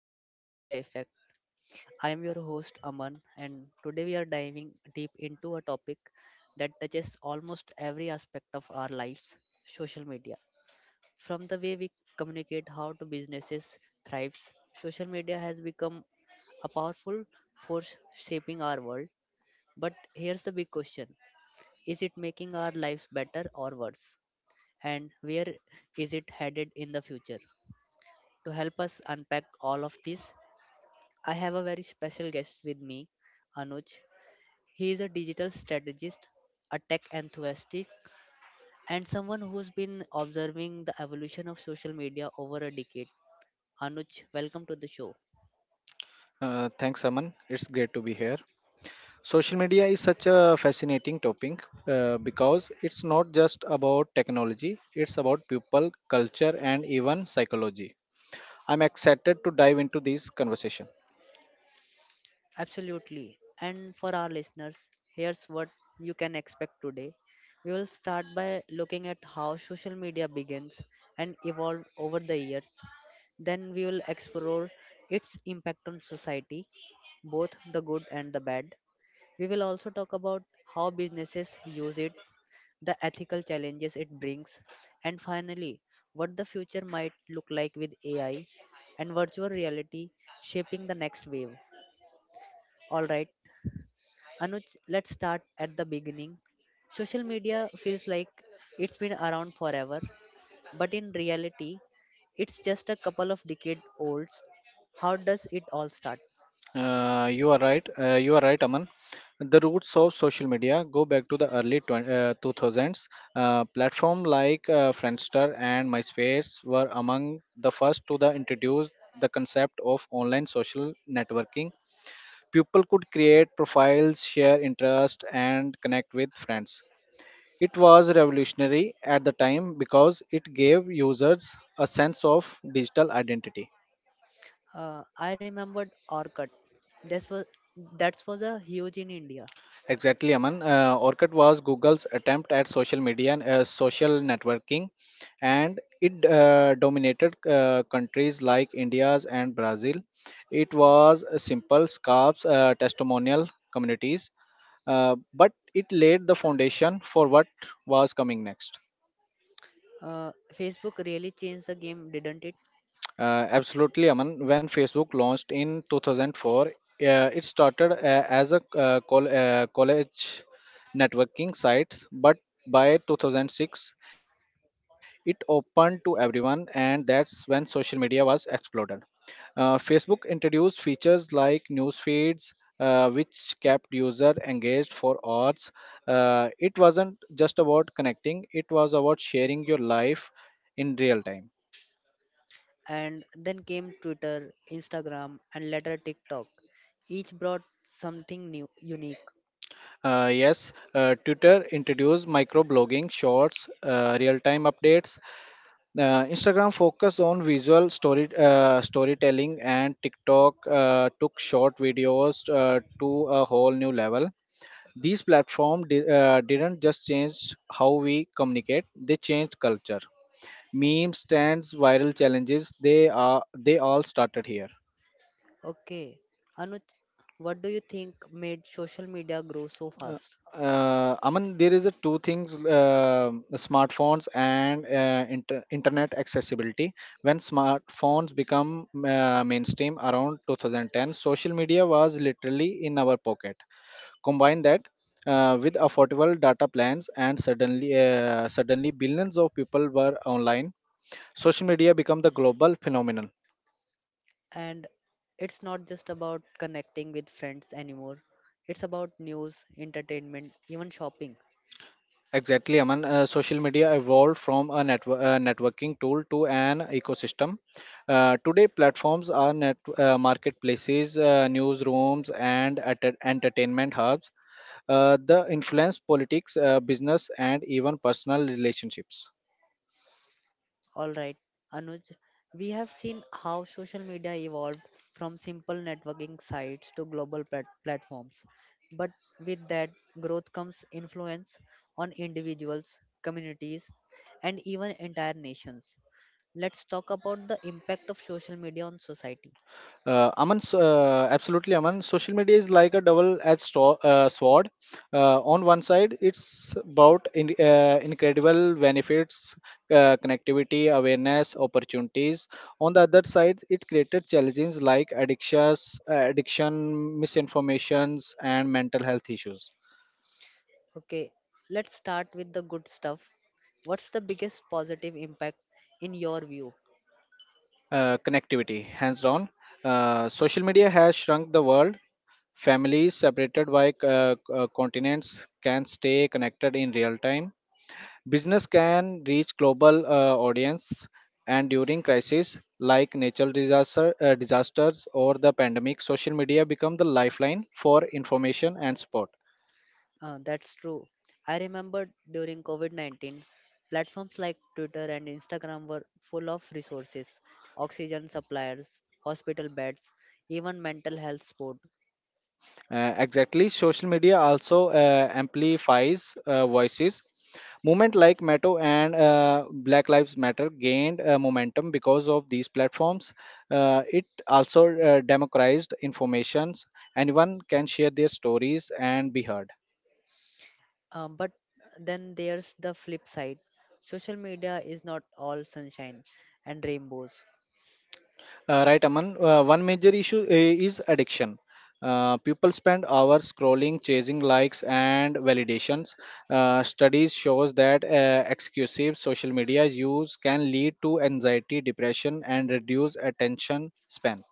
the social media effect. I am your host Aman and today we are diving deep into a topic that touches almost every aspect of our lives, social media. From the way we communicate how to businesses thrives, social media has become a powerful force shaping our world. But here's the big question. Is it making our lives better or worse? And where is it headed in the future? To help us unpack all of this, I have a very special guest with me, Anuj. He is a digital strategist, a tech enthusiast, and someone who's been observing the evolution of social media over a decade. Anuj, welcome to the show. Thanks, Aman. It's great to be here. Social media is such a fascinating topic because it's not just about technology, it's about people, culture, and even psychology. I'm excited to dive into this conversation. Absolutely. And for our listeners, here's what you can expect today. We will start by looking at how social media begins and evolved over the years. Then we will explore its impact on society, both the good and the bad. We will also talk about how businesses use it, the ethical challenges it brings, and finally, what the future might look like with AI and virtual reality shaping the next wave. All right, Anuj, let's start at the beginning. Social media feels like it's been around forever, but in reality, it's just a couple of decade old. How does it all start? You are right. You are right, Aman. The roots of social media go back to the early 2000s. Platforms like Friendster and MySpace were among the first to the introduce the concept of online social networking. People could create profiles, share interests, and connect with friends. It was revolutionary at the time because it gave users a sense of digital identity. I remembered Orkut. This was that was a huge in India. Exactly, Aman. Orkut was Google's attempt at social media and social networking, and it dominated countries like India's and Brazil. It was a simple scarves, testimonial communities, but it laid the foundation for what was coming next. Facebook really changed the game, didn't it? Absolutely, Aman. When Facebook launched in 2004, it started as a college networking sites, but by 2006, it opened to everyone, and that's when social media was exploded. Facebook introduced features like news feeds, which kept user engaged for hours. It wasn't just about connecting; it was about sharing your life in real time. And then came Twitter, Instagram, and later TikTok. Each brought something new, unique. Yes, Twitter introduced microblogging, shorts, real-time updates. Instagram focused on visual storytelling, and TikTok took short videos to a whole new level. These platforms didn't just change how we communicate; they changed culture. Memes, trends, viral challenges—they all started here. Okay. Anuj, what do you think made social media grow so Uh, fast? Aman, there is a two things: the smartphones and internet accessibility. When smartphones become mainstream around 2010, social media was literally in our pocket. Combine that with affordable data plans, and suddenly, billions of people were online. Social media become the global phenomenon. And it's not just about connecting with friends anymore, it's about news, entertainment, even shopping. Exactly, Aman. Social media evolved from a networking tool to an ecosystem. Today, platforms are net marketplaces, newsrooms, and entertainment hubs. The influence politics, business, and even personal relationships. All right, Anuj, we have seen how social media evolved from simple networking sites to platforms. But with that growth comes influence on individuals, communities, and even entire nations. Let's talk about the impact of social media on society. Absolutely, Aman. Social media is like a double-edged sword. On one side, it's about incredible benefits, connectivity, awareness, opportunities. On the other side, it created challenges like addiction, misinformations, and mental health issues. Okay, let's start with the good stuff. What's the biggest positive impact in your view? Connectivity, hands down. Social media has shrunk the world. Families separated by continents can stay connected in real time. Business can reach global audience, and during crises like disasters or the pandemic, social media become the lifeline for information and support. That's true. I remember during COVID 19, platforms like Twitter and Instagram were full of resources oxygen suppliers, hospital beds, even mental health support. Exactly, social media also amplifies voices. Movement like Meto and Black Lives Matter gained momentum because of these platforms. It also democratized informations. Anyone can share their stories and be heard. But then there's the flip side social media is not all sunshine and rainbows, Right, Aman. One major issue is addiction. People spend hours scrolling, chasing likes and validations. Studies shows that exclusive social media use can lead to anxiety, depression, and reduce attention span.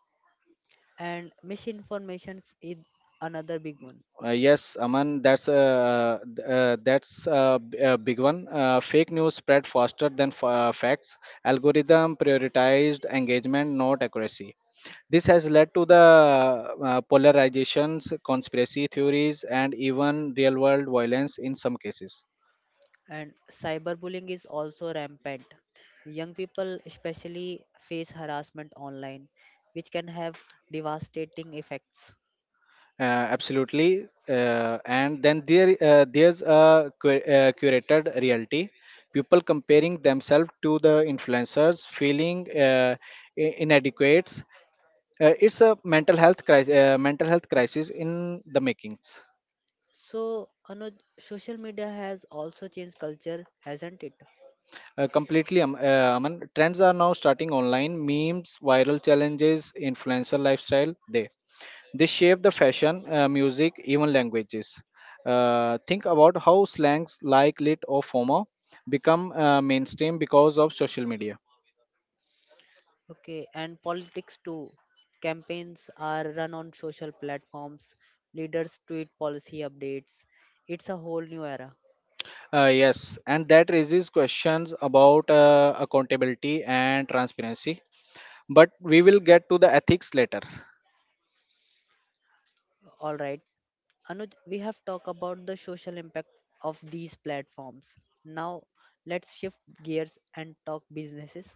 and misinformation is another big one. Yes, Aman, that's a big one. Fake news spread faster than facts. Algorithm prioritized engagement, not accuracy. This has led to the polarizations, conspiracy theories, and even real-world violence in some cases. And cyberbullying is also rampant. Young people, especially, face harassment online, which can have devastating effects. Uh, Absolutely. And then there's a curated reality. People comparing themselves to the influencers, feeling inadequate. It's a mental health crisis in the makings. So, Anuj, social media has also changed culture, hasn't it? Completely, Aman. Trends are now starting online. Memes, viral challenges, influencer lifestyle. They shape the fashion, music, even languages. Think about how slangs like lit or FOMO become mainstream because of social media. Okay, and politics too. Campaigns are run on social platforms, leaders tweet policy updates. It's a whole new era. Yes, and that raises questions about accountability and transparency. But we will get to the ethics later. All right. Anuj, we have talked about the social impact of these platforms. Now, let's shift gears and talk businesses.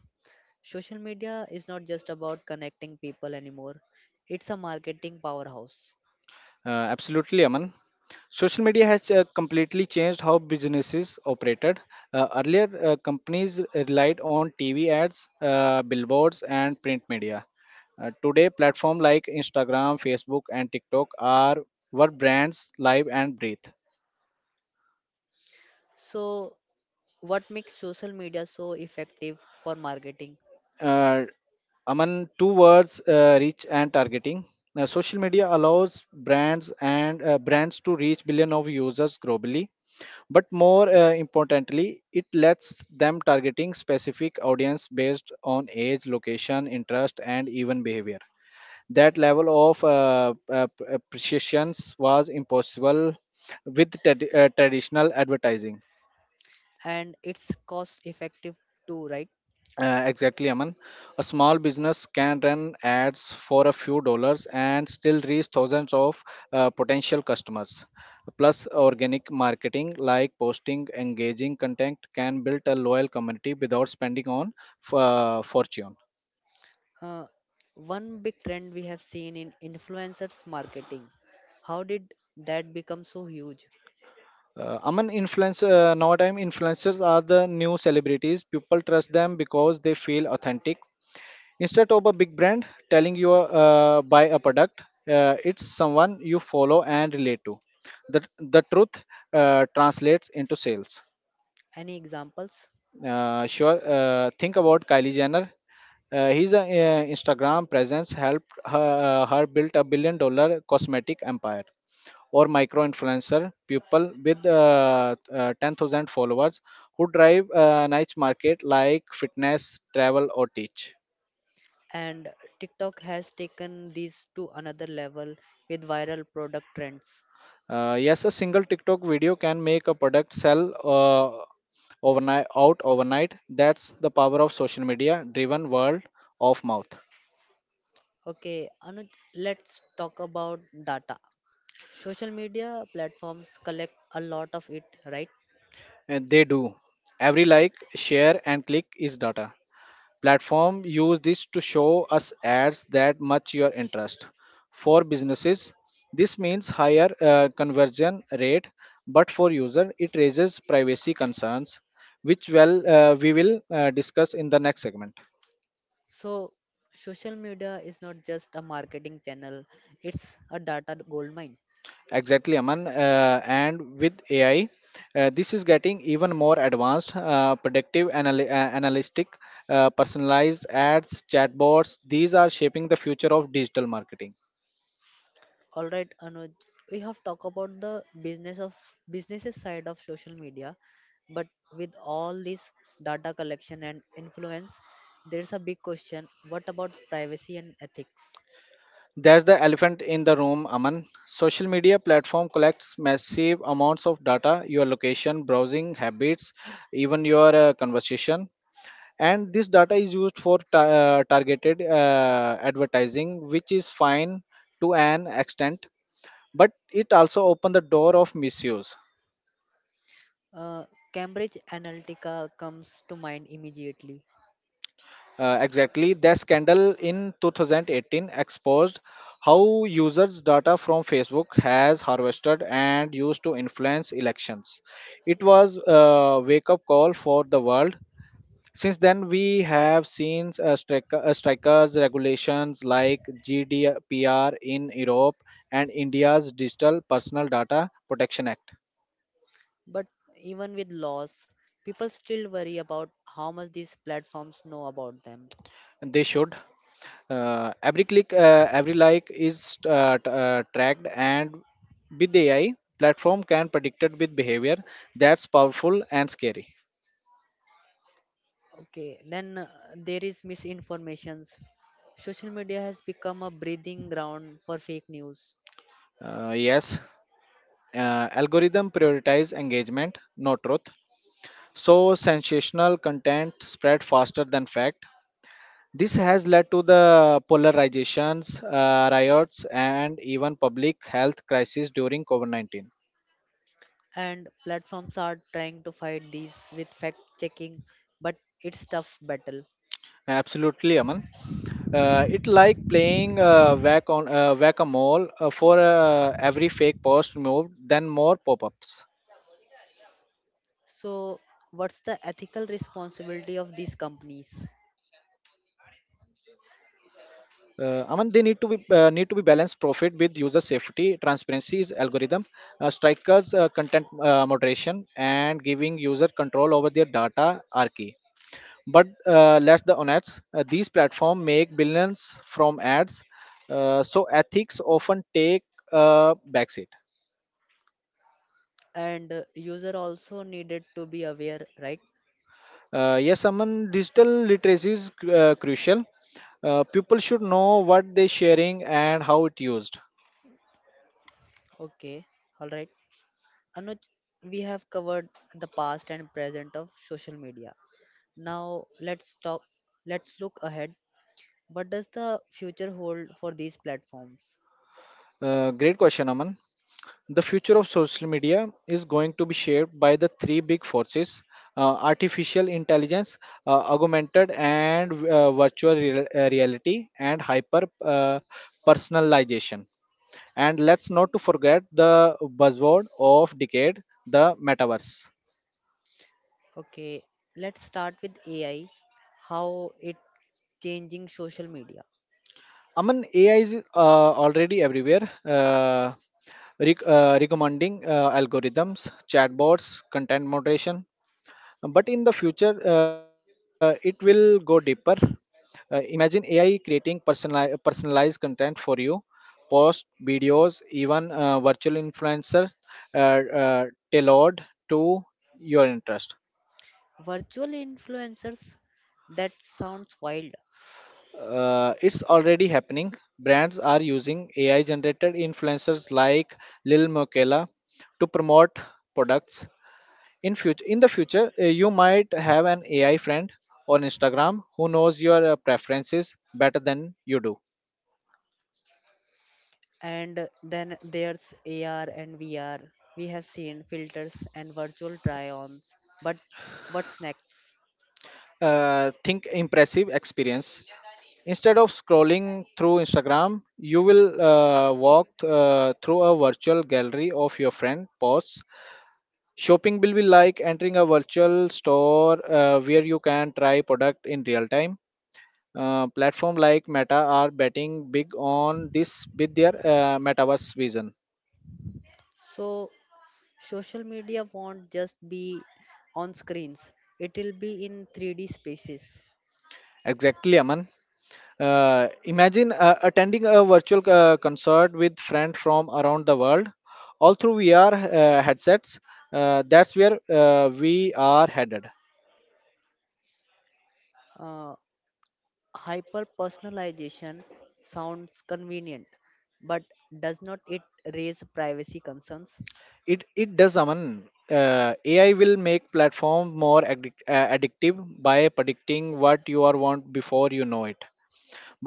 Social media is not just about connecting people anymore, it's a marketing powerhouse. Absolutely, Aman. Social media has completely changed how businesses operated. Earlier, companies relied on TV ads, billboards, and print media. Today, platforms like Instagram, Facebook, and TikTok are what brands live and breathe. So, what makes social media so effective for marketing? uh, Aman, two words, reach and targeting. Now, social media allows brands to reach billion of users globally, but more importantly, it lets them targeting specific audience based on age, location, interest, and even behavior. That level of precision was impossible with traditional advertising. And it's cost effective too, right? Exactly, Aman. A small business can run ads for a few dollars and still reach thousands of potential customers. Plus, organic marketing like posting engaging content can build a loyal community without spending on fortune. Uh, one big trend we have seen in influencers marketing. How did that become so huge? Aman, nowadays influencers are the new celebrities. People trust them because they feel authentic instead of a big brand telling you buy a product. It's someone you follow and relate to. The truth translates into sales. Any examples? Sure, think about Kylie Jenner. Uh, his Instagram presence helped her build a $1 billion cosmetic empire. Or micro influencer people with 10,000 followers who drive a niche market like fitness travel or teach. And TikTok has taken these to another level with viral product trends. Yes, a single TikTok video can make a product sell overnight. That's the power of social media driven world of mouth. Okay, Anuj, let's talk about data. Social media platforms collect a lot of it, right? And they do. Every like, share, and click is data. Platform use this to show us ads that match your interest. For businesses, this means higher conversion rate, but for user, it raises privacy concerns, which we will discuss in the next segment. So, social media is not just a marketing channel, it's a data goldmine. Exactly, Aman. And with AI, this is getting even more advanced, predictive, analytic, personalized ads, chatbots. These are shaping the future of digital marketing. All right, Anuj, we have talked about the businesses side of social media, but with all this data collection and influence, there's a big question: what about privacy and ethics? There's the elephant in the room, Aman. Social media platform collects massive amounts of data, your location, browsing habits, even your conversation. And this data is used for targeted advertising, which is fine to an extent, but it also opened the door of misuse. Uh, Cambridge Analytica comes to mind immediately, Exactly, the scandal in 2018 exposed how users' data from Facebook has harvested and used to influence elections. It was a wake-up call for the world. Since then, we have seen strikers regulations like GDPR in Europe and India's Digital Personal Data Protection Act. but even with laws, people still worry about how much these platforms know about them. They should. Every click, every like is tracked, and with AI, platform can predict it with behavior. That's powerful and scary. Okay, then there is misinformations. Social media has become a breeding ground for fake news, Yes, algorithm prioritize engagement, not truth. So sensational content spread faster than fact. This has led to the polarizations, riots, and even public health crisis during COVID-19. and platforms are trying to fight these with fact checking, but it's tough battle. Absolutely, Aman. It like playing whack-a-mole for every fake post moved, then more pop-ups. So what's the ethical responsibility of these companies? Aman, they need to be balanced profit with user safety, transparency is algorithm, strikers content moderation, and giving user control over their data are key. But let the honest, these platforms make billions from ads, so ethics often take a backseat. And user also needed to be aware, right? Yes, Aman, digital literacy is crucial. People should know what they're sharing and how it used. Okay, all right, Anuj, we have covered the past and present of social media. Now let's look ahead, what does the future hold for these platforms? Great question, Aman. The future of social media is going to be shaped by the three big forces: artificial intelligence, augmented and virtual reality, and hyper personalization. And let's not to forget the buzzword of decade, the metaverse. Okay, let's start with AI, how it changing social media. Aman, AI is already everywhere, recommending algorithms, chatbots, content moderation. But in the future, it will go deeper. Imagine AI creating personalized content for you, posts, videos, even virtual influencers uh, uh, tailored to your interest. Virtual influencers, that sounds wild. It's already happening. Brands are using AI generated influencers like Lil Miquela to promote products. In the future, you might have an AI friend on Instagram who knows your preferences better than you do. And then there's AR and VR. We have seen filters and virtual try-ons. But what's next? Think impressive experience. Instead of scrolling through Instagram, you will walk through a virtual gallery of your friend posts. Shopping will be like entering a virtual store where you can try product in real time. Platform like Meta are betting big on this with their metaverse vision. So social media won't just be on screens. It will be in 3D spaces. Exactly, Aman. Imagine attending a virtual concert with friends from around the world, all through VR headsets. That's where we are headed. Uh, Hyper personalization sounds convenient, but does not it raise privacy concerns? It does, Aman. AI will make platform more addictive by predicting what you are want before you know it.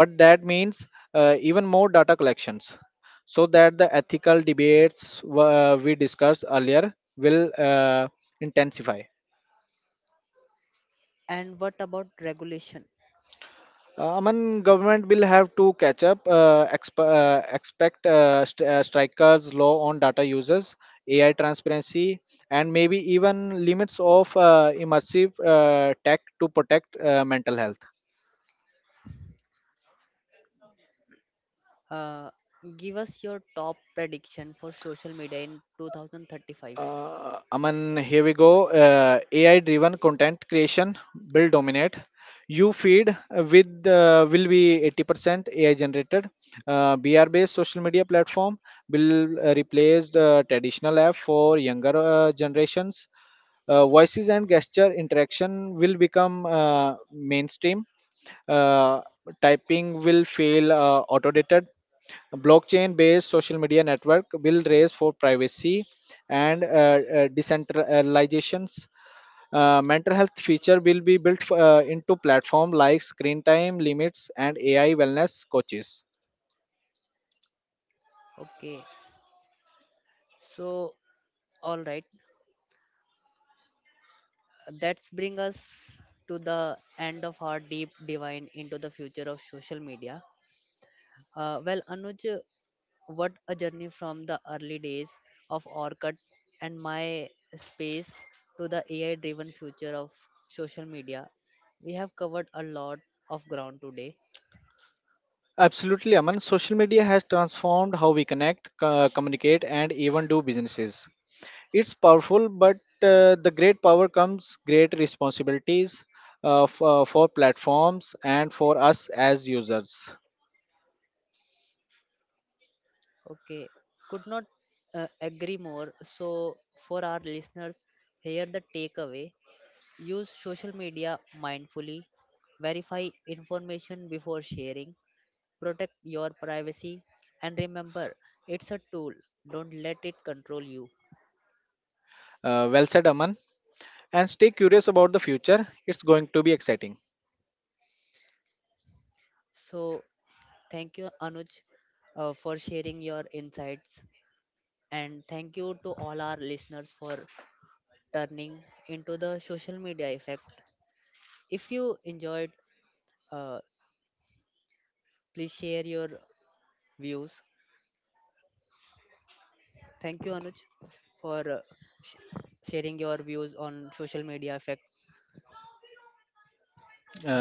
But that means even more data collections, so that the ethical debates we discussed earlier will uh, intensify. And what about regulation? Aman, government will have to catch up. Expect strikers, law on data users, AI transparency, and maybe even limits of immersive tech to protect mental health. Uh, give us your top prediction for social media in 2035. Aman, here we go. AI driven content creation will dominate. You feed with will be 80% AI generated. BR based social media platform will replace the traditional app for younger generations. Voices and gesture interaction will become mainstream. Uh, Typing will feel automated. Blockchain based social media network will raise for privacy and decentralizations. Mental health feature will be built into platform like screen time limits and AI wellness coaches. Okay, so all right, that's bring us to the end of our deep divine into the future of social media. Anuj, what a journey from the early days of Orkut and my space to the AI driven future of social media. We have covered a lot of ground today. Absolutely, Aman. Social media has transformed how we connect, communicate, and even do businesses. It's powerful, but the great power comes great responsibilities for platforms and for us as users. Okay, could not agree more. So, for our listeners, here the takeaway, use social media mindfully, verify information before sharing, protect your privacy, and remember it's a tool, don't let it control you. Well said, Aman. And stay curious about the future. It's going to be exciting. So, Thank you, Anuj, for sharing your insights. And thank you to all our listeners for turning into the social media effect. If you enjoyed, uh, please share your views. Thank you, Anuj, for sh- sharing your views on social media effect. Thank you, Aman.